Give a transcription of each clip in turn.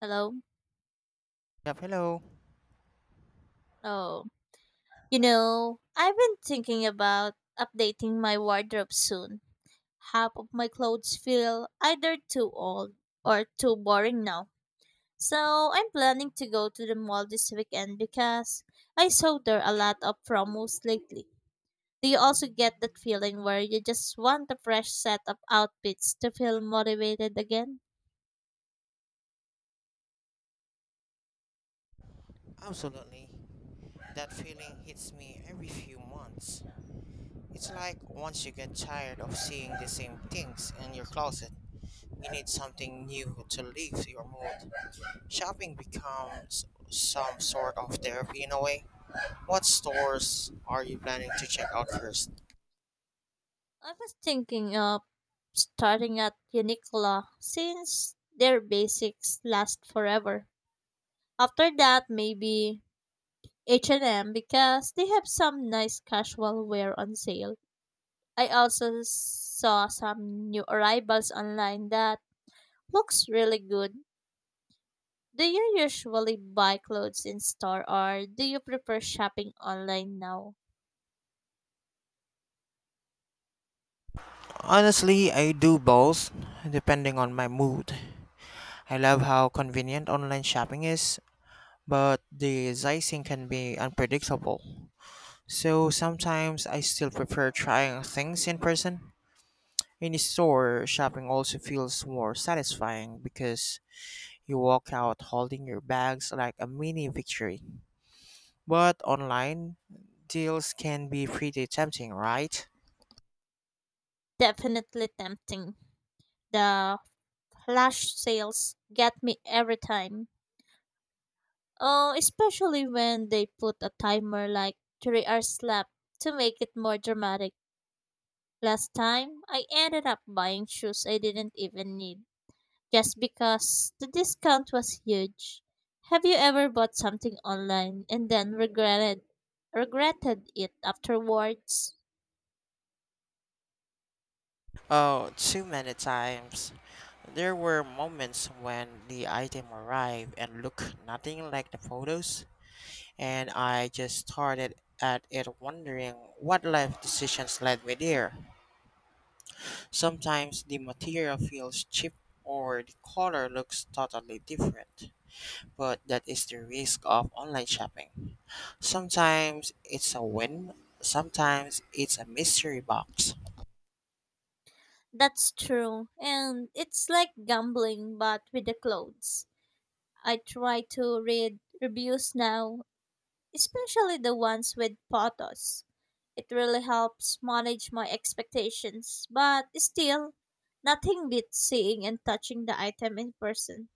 Hello? Yep, hello. Oh, I've been thinking about updating my wardrobe soon. Half of my clothes feel either too old or too boring now. So I'm planning to go to the mall this weekend because I saw there are a lot of promos lately. Do you also get that feeling where you just want a fresh set of outfits to feel motivated again? Absolutely. That feeling hits me every few months. It's like once you get tired of seeing the same things in your closet, you need something new to lift your mood. Shopping becomes some sort of therapy in a way. What stores are you planning to check out first? I was thinking of starting at Uniqlo since their basics last forever. After that, maybe H&M because they have some nice casual wear on sale. I also saw some new arrivals online that looks really good. Do you usually buy clothes in store or do you prefer shopping online now? Honestly, I do both, depending on my mood. I love how convenient online shopping is, but the pricing can be unpredictable. So sometimes I still prefer trying things in person. In a store, shopping also feels more satisfying because you walk out holding your bags like a mini victory. But online, deals can be pretty tempting, right? Definitely tempting. The flash sales get me every time. Oh, especially when they put a timer like 3 hours left to make it more dramatic. Last time, I ended up buying shoes I didn't even need just because the discount was huge. Have you ever bought something online and then regretted it afterwards? Oh, too many times. There were moments when the item arrived and looked nothing like the photos, and I just started at it wondering what life decisions led me there. Sometimes the material feels cheap or the color looks totally different, but that is the risk of online shopping. Sometimes it's a win, sometimes it's a mystery box. That's true. And it's like gambling but with the clothes. I try to read reviews now, especially the ones with photos. It really helps manage my expectations, but still, nothing beats seeing and touching the item in person.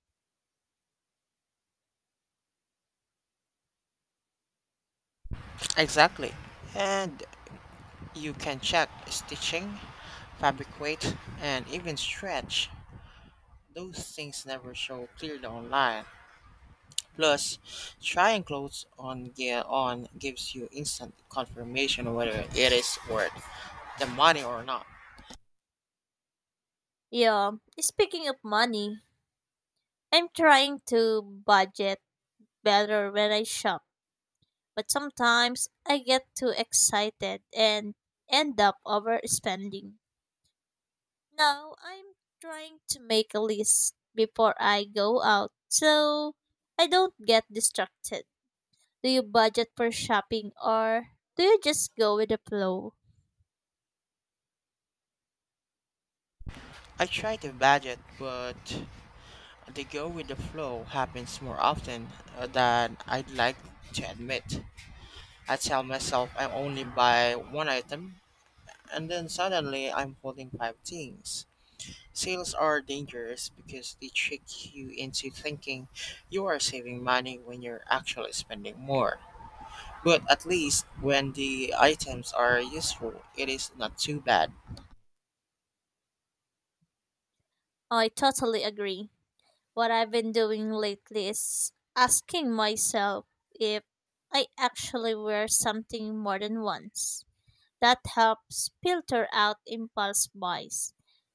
Exactly. And you can check stitching, fabricate, and even stretch. Those things never show clearly online. Plus, trying clothes on gear on gives you instant confirmation whether it is worth the money or not. Yeah, speaking of money, I'm trying to budget better when I shop, but sometimes I get too excited and end up overspending. Now, I'm trying to make a list before I go out so I don't get distracted. Do you budget for shopping or do you just go with the flow? I try to budget, but the go with the flow happens more often than I'd like to admit. I tell myself I only buy one item, and then suddenly I'm holding five things. Sales are dangerous because they trick you into thinking you are saving money when you're actually spending more. But at least when the items are useful, it is not too bad. Oh, I totally agree. What I've been doing lately is asking myself if I actually wear something more than once. That helps filter out impulse buys.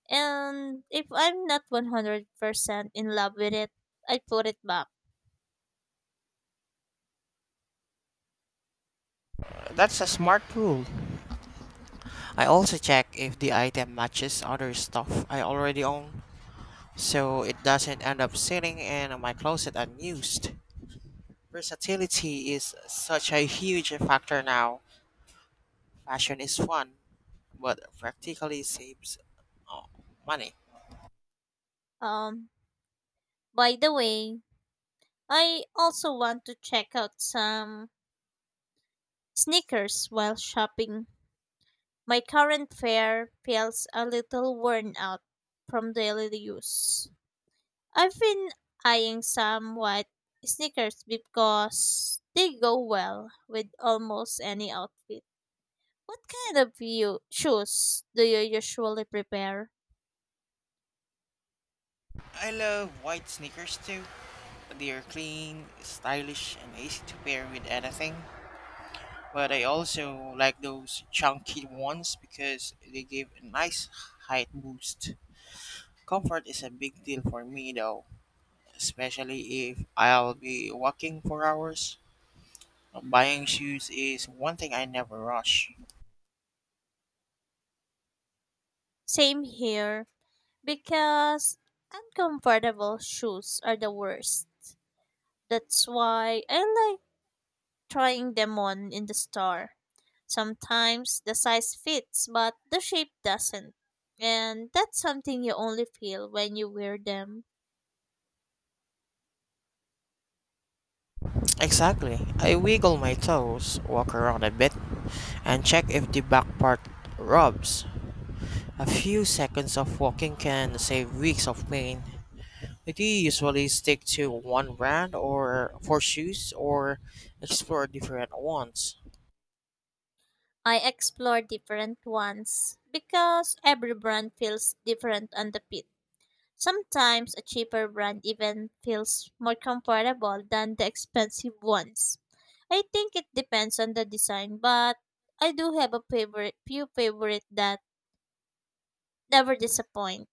And if I'm not 100% in love with it, I put it back. That's a smart pool. I also check if the item matches other stuff I already own, so it doesn't end up sitting in my closet unused. Versatility is such a huge factor now. Fashion is fun, but practically saves uh, money. Um, by the way, I also want to check out some sneakers while shopping. My current fare feels a little worn out from daily use. I've been eyeing some white sneakers because they go well with almost any outfit. What kind of you shoes do you usually prepare? I love white sneakers too. They are clean, stylish, and easy to pair with anything. But I also like those chunky ones because they give a nice height boost. Comfort is a big deal for me though, especially if I'll be walking for hours. Buying shoes is one thing I never rush. Same here, because uncomfortable shoes are the worst. That's why I like trying them on in the store. Sometimes the size fits, but the shape doesn't. And that's something you only feel when you wear them. Exactly. I wiggle my toes, walk around a bit, and check if the back part rubs. A few seconds of walking can save weeks of pain. I do usually stick to one brand or for shoes or explore different ones. I explore different ones because every brand feels different on the fit. Sometimes a cheaper brand even feels more comfortable than the expensive ones. I think it depends on the design, but I do have a favorite few favorite that never disappoint.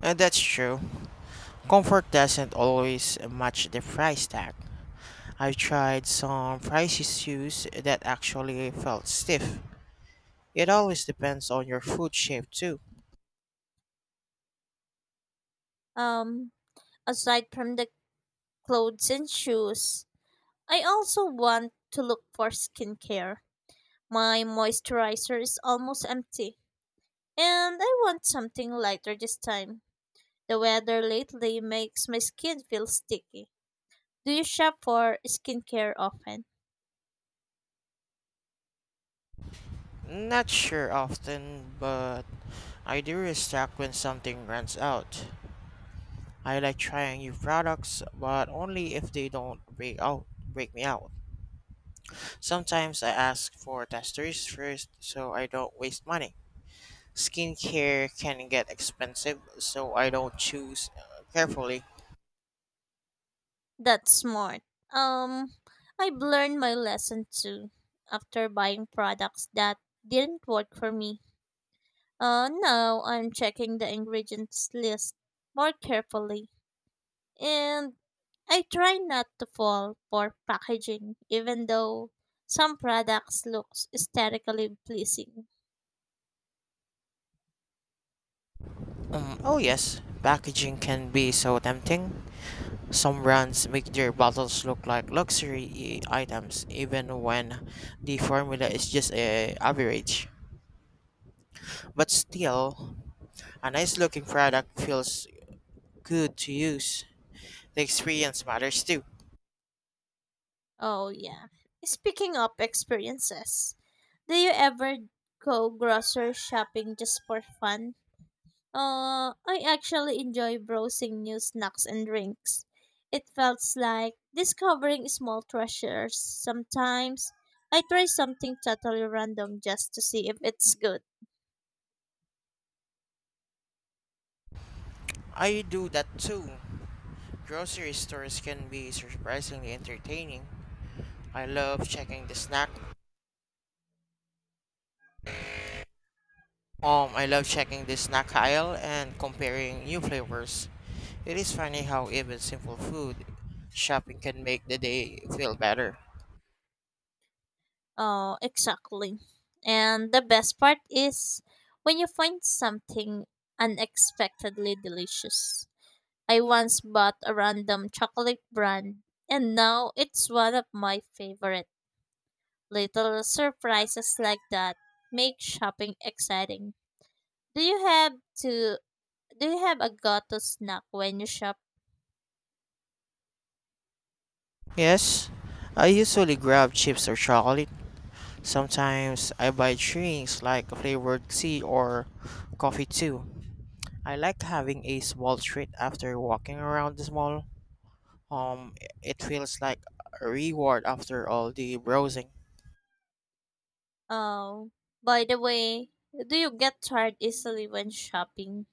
And that's true. Comfort doesn't always match the price tag. I've tried some pricey shoes that actually felt stiff. It always depends on your foot shape too. Um Aside from the clothes and shoes, I also want to look for skincare. My moisturizer is almost empty, and I want something lighter this time. The weather lately makes my skin feel sticky. Do you shop for skincare often? Not sure often, but I do restock when something runs out. I like trying new products, but only if they don't break me out. Sometimes I ask for testers first so I don't waste money. Skincare can get expensive, so I don't choose carefully. That's smart. Um, I've learned my lesson too after buying products that didn't work for me. Now I'm checking the ingredients list more carefully. And I try not to fall for packaging, even though some products look aesthetically pleasing. Oh, yes, packaging can be so tempting. Some brands make their bottles look like luxury items, even when the formula is just a average. But still, a nice looking product feels good to use. The experience matters too. Oh, yeah. Speaking of experiences, do you ever go grocery shopping just for fun? I actually enjoy browsing new snacks and drinks. It felt like discovering small treasures. Sometimes I try something totally random just to see if it's good. I do that too. Grocery stores can be surprisingly entertaining. I love checking the snack. I love checking the snack aisle and comparing new flavors. It is funny how even simple food shopping can make the day feel better. Oh, exactly. And the best part is when you find something unexpectedly delicious. I once bought a random chocolate brand, and now it's one of my favorite. Little surprises like that make shopping exciting. Do you have to do you have a go-to snack when you shop? Yes, I usually grab chips or chocolate. Sometimes I buy drinks like flavored tea or coffee too. I like having a small treat after walking around the mall. Um, it feels like a reward after all the browsing. Oh, by the way, do you get tired easily when shopping?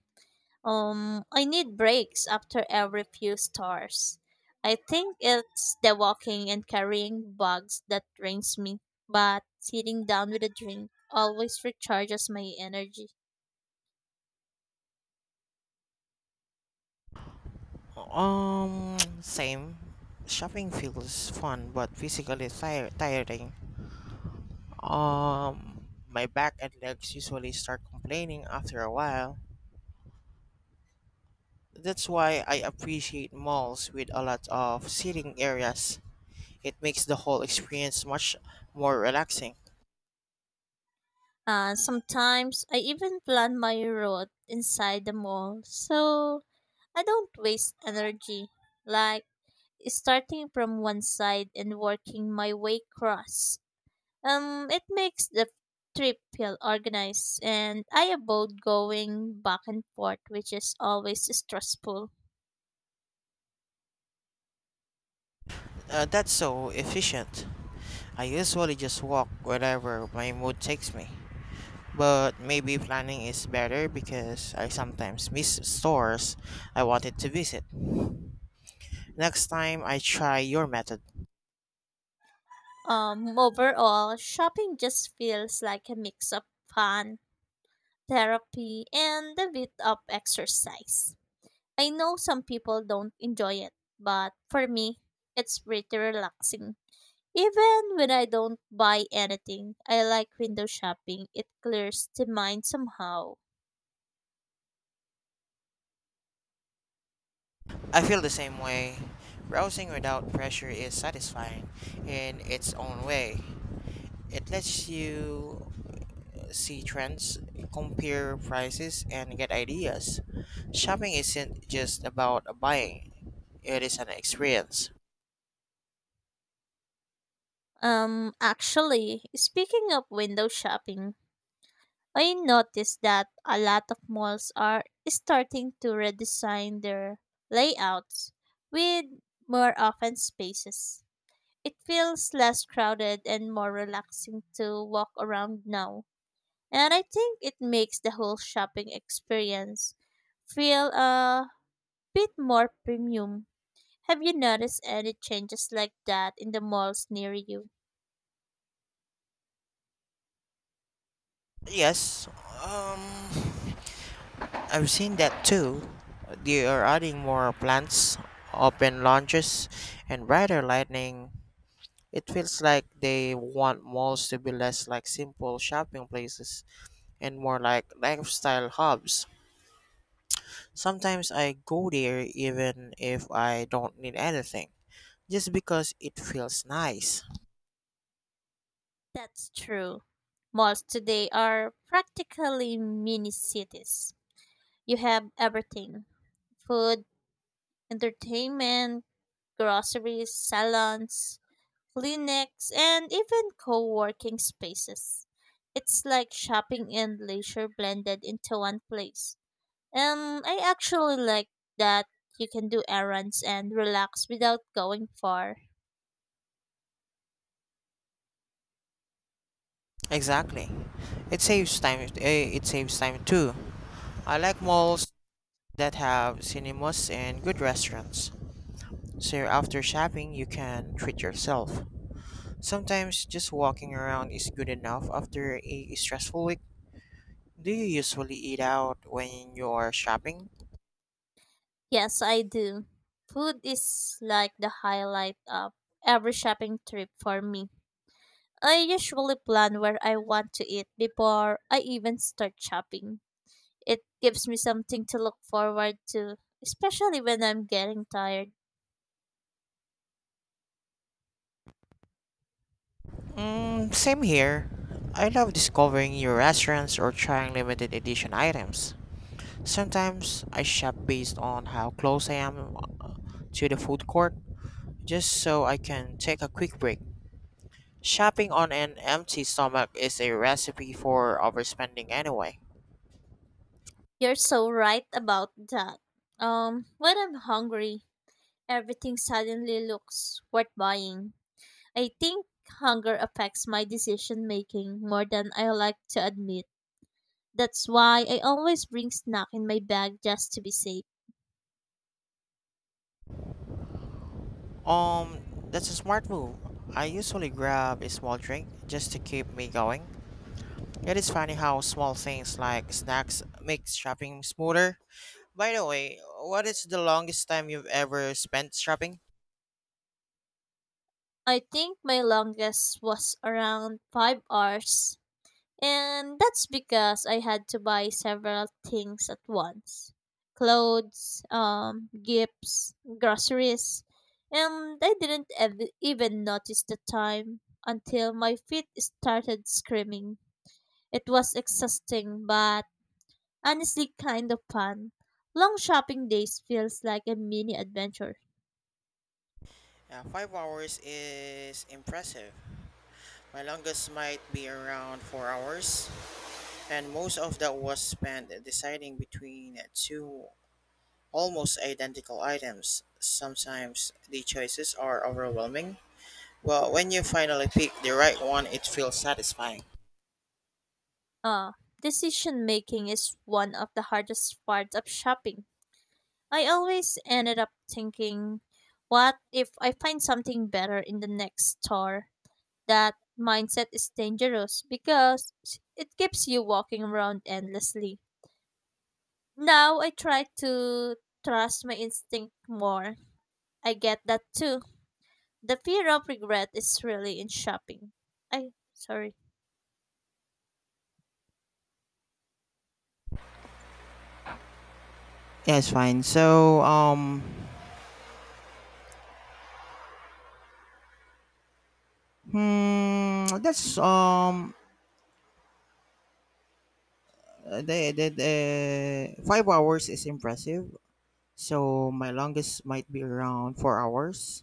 I need breaks after every few stars. I think it's the walking and carrying bags that drains me, but sitting down with a drink always recharges my energy. Same. Shopping feels fun but physically tire tiring. My back and legs usually start complaining after a while. That's why I appreciate malls with a lot of seating areas. It makes the whole experience much more relaxing. Sometimes I even plan my route inside the mall, so I don't waste energy, like starting from one side and working my way across. It makes the trip feel organized, and I avoid going back and forth, which is always stressful. That's so efficient. I usually just walk wherever my mood takes me. But maybe planning is better because I sometimes miss stores I wanted to visit. Next time I try your method. Overall, shopping just feels like a mix of fun, therapy, and a bit of exercise. I know some people don't enjoy it, but for me, it's pretty relaxing. Even when I don't buy anything, I like window shopping. It clears the mind somehow. I feel the same way. Browsing without pressure is satisfying in its own way. It lets you see trends, compare prices, and get ideas. Shopping isn't just about buying, it is an experience. Actually, speaking of window shopping, I noticed that a lot of malls are starting to redesign their layouts with more open spaces. It feels less crowded and more relaxing to walk around now, and I think it makes the whole shopping experience feel a bit more premium. Have you noticed any changes like that in the malls near you? Yes, um, I've seen that too. They are adding more plants, open lounges, and brighter lighting. It feels like they want malls to be less like simple shopping places and more like lifestyle hubs. Sometimes I go there even if I don't need anything, just because it feels nice. That's true. Malls today are practically mini cities. You have everything: food, entertainment, groceries, salons, clinics, and even co working spaces. It's like shopping and leisure blended into one place. And I actually like that you can do errands and relax without going far. Exactly. It saves time too. I like malls that have cinemas and good restaurants. So after shopping, you can treat yourself. Sometimes just walking around is good enough after a stressful week. Do you usually eat out when you are shopping? Yes, I do. Food is like the highlight of every shopping trip for me. I usually plan where I want to eat before I even start shopping. It gives me something to look forward to, especially when I'm getting tired. Mm, same here. I love discovering new restaurants or trying limited edition items. Sometimes I shop based on how close I am to the food court, just so I can take a quick break. Shopping on an empty stomach is a recipe for overspending anyway. You're so right about that. When I'm hungry, everything suddenly looks worth buying. I think hunger affects my decision making more than I like to admit. That's why I always bring snack in my bag just to be safe. Um, that's a smart move. I usually grab a small drink just to keep me going. It is funny how small things like snacks make shopping smoother. By the way, what is the longest time you've ever spent shopping? I think my longest was around 5 hours. And that's because I had to buy several things at once: clothes, gifts, groceries. And I didn't even notice the time until my feet started screaming. It was exhausting, but honestly, kind of fun. Long shopping days feels like a mini adventure. Yeah, 5 hours is impressive. My longest might be around 4 hours, and most of that was spent deciding between two almost identical items. Sometimes the choices are overwhelming, well, when you finally pick the right one, it feels satisfying. Decision making is one of the hardest parts of shopping. I always ended up thinking, what if I find something better in the next store? That mindset is dangerous because it keeps you walking around endlessly. Now I try to trust my instinct more. I get that too. The fear of regret is really in shopping. I sorry. Yeah, it's fine. Hmm, that's um, the 5 hours is impressive. So my longest might be around 4 hours,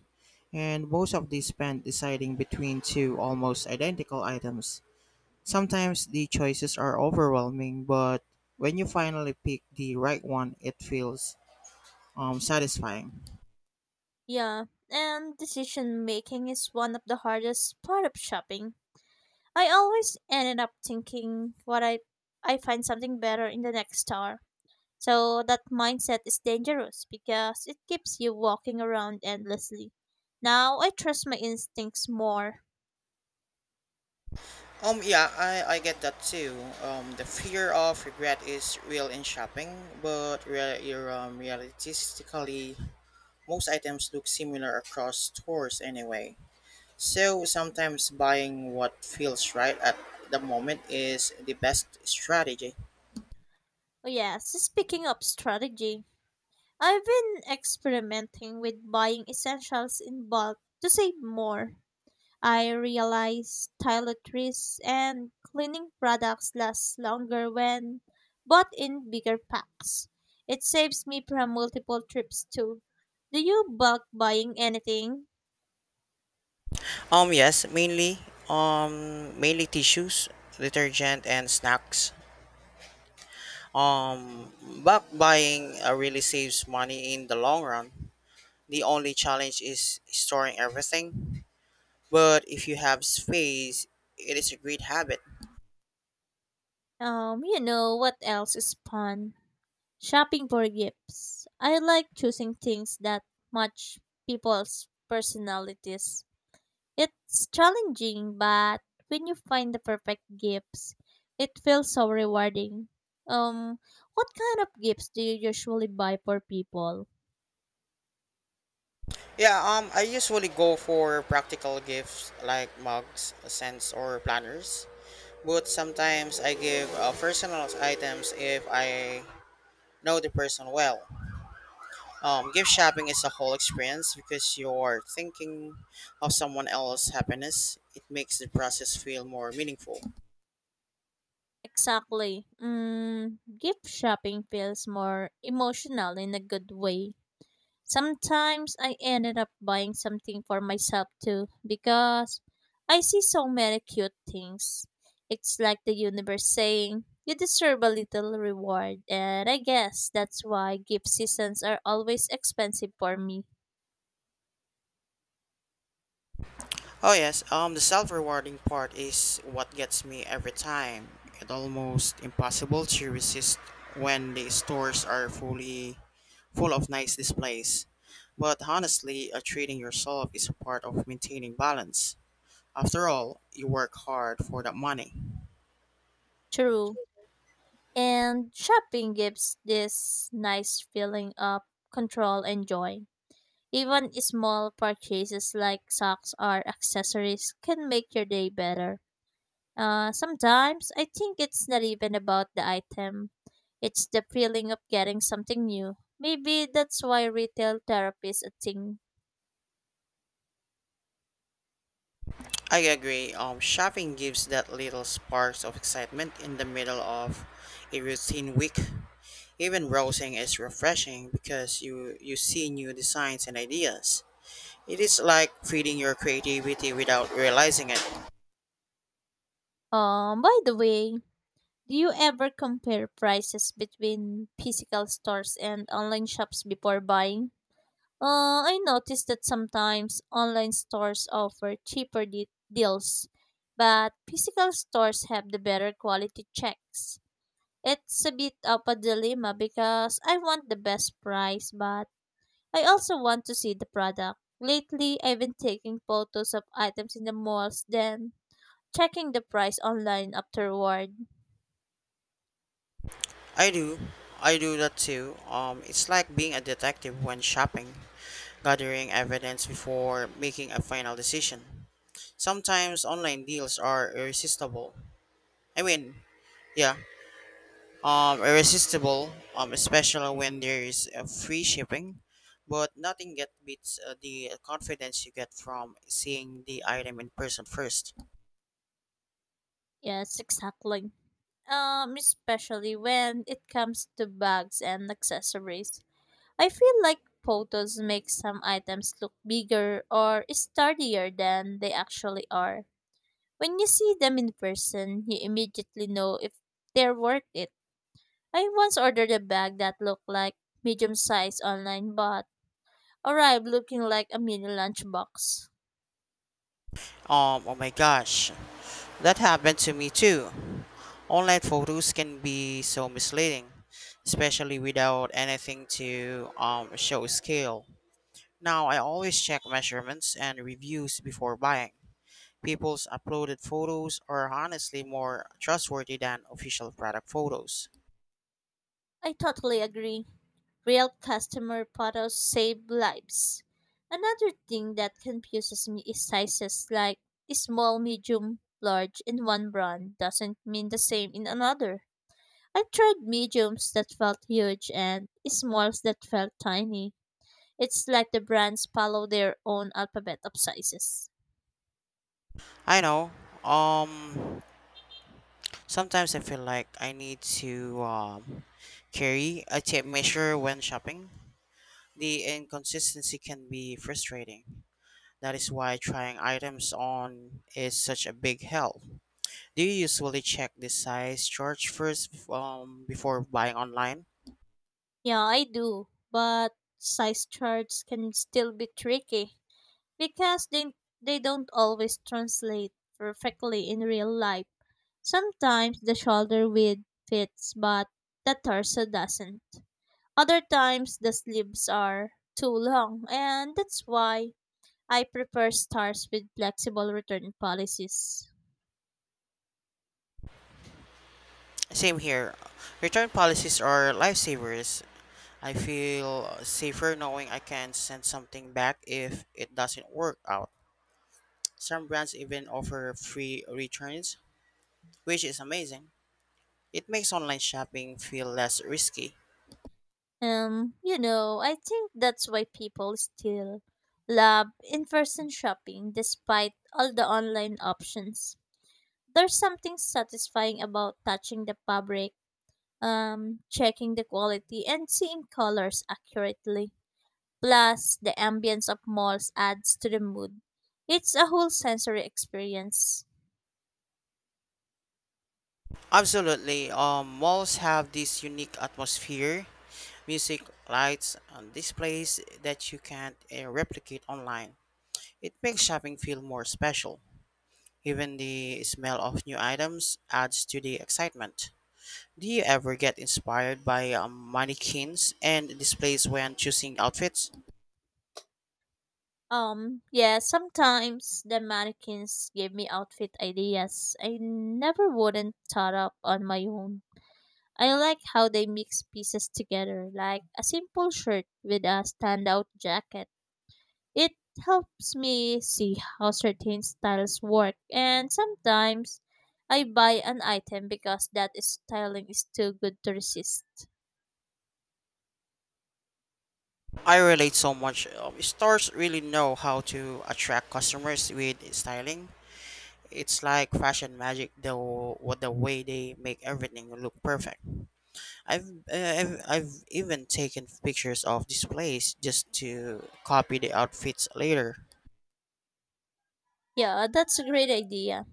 and most of these spent deciding between two almost identical items. Sometimes the choices are overwhelming, but when you finally pick the right one, it feels satisfying. Yeah, and decision making is one of the hardest part of shopping. I always ended up thinking what I find something better in the next star. So that mindset is dangerous because it keeps you walking around endlessly. Now I trust my instincts more. Yeah, I get that too. The fear of regret is real in shopping, but realistically, most items look similar across stores anyway. So sometimes buying what feels right at the moment is the best strategy. Oh yes, speaking of strategy, I've been experimenting with buying essentials in bulk to save more. I realized toiletries and cleaning products last longer when bought in bigger packs. It saves me from multiple trips too. Do you bulk buying anything? Yes, mainly tissues, detergent, and snacks. Um, Bulk buying really saves money in the long run. The only challenge is storing everything. But if you have space, it is a great habit. You know what else is fun? Shopping for gifts. I like choosing things that match people's personalities. It's challenging, but when you find the perfect gifts, it feels so rewarding. Um, what kind of gifts do you usually buy for people? Yeah, I usually go for practical gifts like mugs, scents, or planners. But sometimes I give personal items if I know the person well. Gift shopping is a whole experience because you are thinking of someone else's happiness. It makes the process feel more meaningful. Exactly. Mm, gift shopping feels more emotional in a good way. Sometimes I ended up buying something for myself too because I see so many cute things. It's like the universe saying, you deserve a little reward, and I guess that's why gift seasons are always expensive for me. Oh yes, the self-rewarding part is what gets me every time. It's almost impossible to resist when the stores are full of nice displays. But honestly, treating yourself is a part of maintaining balance. After all, you work hard for that money. True. And shopping gives this nice feeling of control and joy. Even small purchases like socks or accessories can make your day better. Sometimes I think it's not even about the item, it's the feeling of getting something new. Maybe that's why retail therapy is a thing. I agree. Shopping gives that little sparks of excitement in the middle of a routine week. Even browsing is refreshing because you see new designs and ideas. It is like feeding your creativity without realizing it. By the way, do you ever compare prices between physical stores and online shops before buying? I noticed that sometimes online stores offer cheaper deals, but physical stores have the better quality checks. It's a bit of a dilemma because I want the best price, but I also want to see the product. Lately, I've been taking photos of items in the malls, then checking the price online afterward. I do. I do that too. It's like being a detective when shopping, gathering evidence before making a final decision. Sometimes online deals are irresistible. I mean, yeah, Especially when there is free shipping. But nothing get beats the confidence you get from seeing the item in person first. Yes, exactly. Especially when it comes to bags and accessories. I feel like photos make some items look bigger or sturdier than they actually are. When you see them in person, you immediately know if they're worth it. I once ordered a bag that looked like medium size online but arrived looking like a mini lunchbox. Oh my gosh. That happened to me too. Online photos can be so misleading, especially without anything to show scale. Now, I always check measurements and reviews before buying. People's uploaded photos are honestly more trustworthy than official product photos. I totally agree. Real customer photos save lives. Another thing that confuses me is sizes, like small, medium, large in one brand doesn't mean the same in another. I've tried mediums that felt huge and smalls that felt tiny. It's like the brands follow their own alphabet of sizes. I know. Um, Sometimes I feel like I need to carry a tape measure when shopping. The inconsistency can be frustrating. That is why trying items on is such a big help. Do you usually check the size chart first before buying online? Yeah, I do, but size charts can still be tricky because they don't always translate perfectly in real life. Sometimes the shoulder width fits, but the torso doesn't. Other times the sleeves are too long, and that's why I prefer stars with flexible return policies. Same here. Return policies are lifesavers. I feel safer knowing I can send something back if it doesn't work out. Some brands even offer free returns, which is amazing. It makes online shopping feel less risky. I think that's why people still love in-person shopping despite all the online options. There's something satisfying about touching the fabric, checking the quality, and seeing colors accurately. Plus, the ambience of malls adds to the mood. It's a whole sensory experience. Absolutely. Malls have this unique atmosphere, music, lights, and displays that you can't replicate online. It makes shopping feel more special. Even the smell of new items adds to the excitement. Do you ever get inspired by mannequins and displays when choosing outfits? Yeah, sometimes the mannequins give me outfit ideas I never wouldn't thought up on my own. I like how they mix pieces together, like a simple shirt with a standout jacket. It helps me see how certain styles work, and sometimes I buy an item because that styling is too good to resist. I relate so much. Stores really know how to attract customers with styling. It's like fashion magic, though, what the way they make everything look perfect. I've, I've even taken pictures of displays just to copy the outfits later. Yeah, that's a great idea.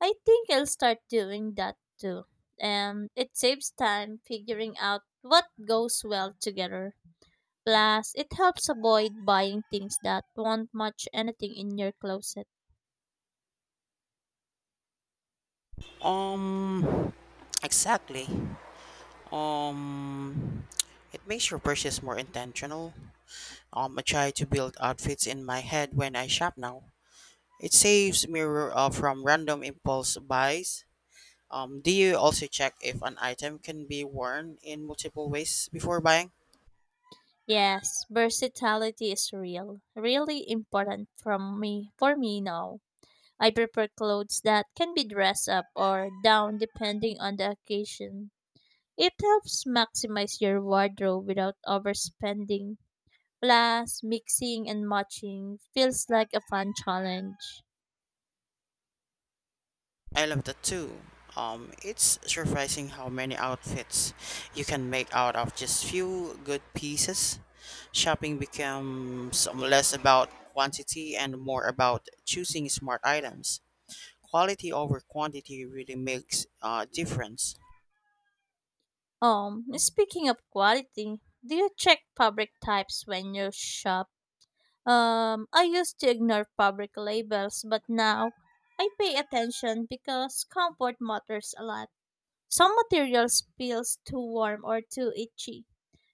I think I'll start doing that too. It saves time figuring out what goes well together. Plus, it helps avoid buying things that won't match anything in your closet. Um, exactly. Um, it makes your purchase more intentional. I try to build outfits in my head when I shop now. It saves me from random impulse buys. Do you also check if an item can be worn in multiple ways before buying? Yes, versatility is real. Really important from me for me now. I prefer clothes that can be dressed up or down depending on the occasion. It helps maximize your wardrobe without overspending. Plus, mixing and matching feels like a fun challenge. I love that too. It's surprising how many outfits you can make out of just few good pieces. Shopping becomes less about quantity and more about choosing smart items. Quality over quantity really makes a difference. Speaking of quality, do you check fabric types when you shop? I used to ignore public labels, but now I pay attention because comfort matters a lot. Some materials feels too warm or too itchy.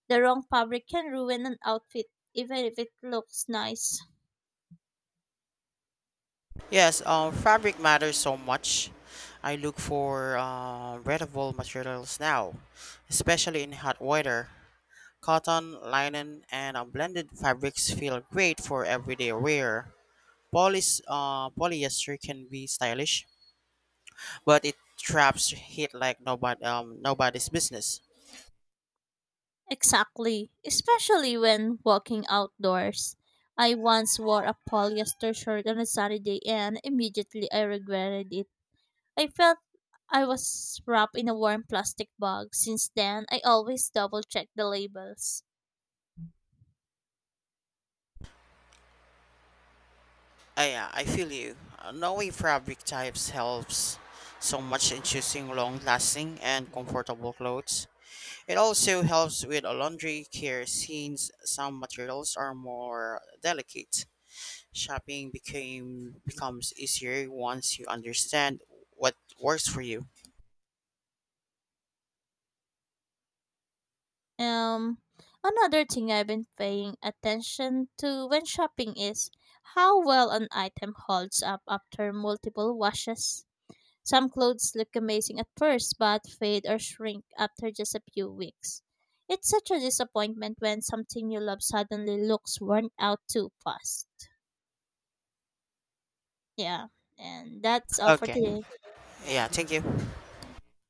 The wrong fabric can ruin an outfit, even if it looks nice. Yes, fabric matters so much. I look for breathable materials now, especially in hot weather. Cotton, linen, and blended fabrics feel great for everyday wear. Polyester can be stylish, but it traps heat like nobody's business. Exactly, especially when walking outdoors. I once wore a polyester shirt on a Saturday and immediately I regretted it. I felt I was wrapped in a warm plastic bag. Since then, I always double check the labels. I feel you. Knowing fabric types helps so much in choosing long-lasting and comfortable clothes. It also helps with laundry care since some materials are more delicate. Shopping became becomes easier once you understand what works for you. Um, Another thing I've been paying attention to when shopping is how well an item holds up after multiple washes. Some clothes look amazing at first but fade or shrink after just a few weeks. It's such a disappointment when something you love suddenly looks worn out too fast. Yeah, and that's all for Okay. today. Yeah. Yeah, thank you.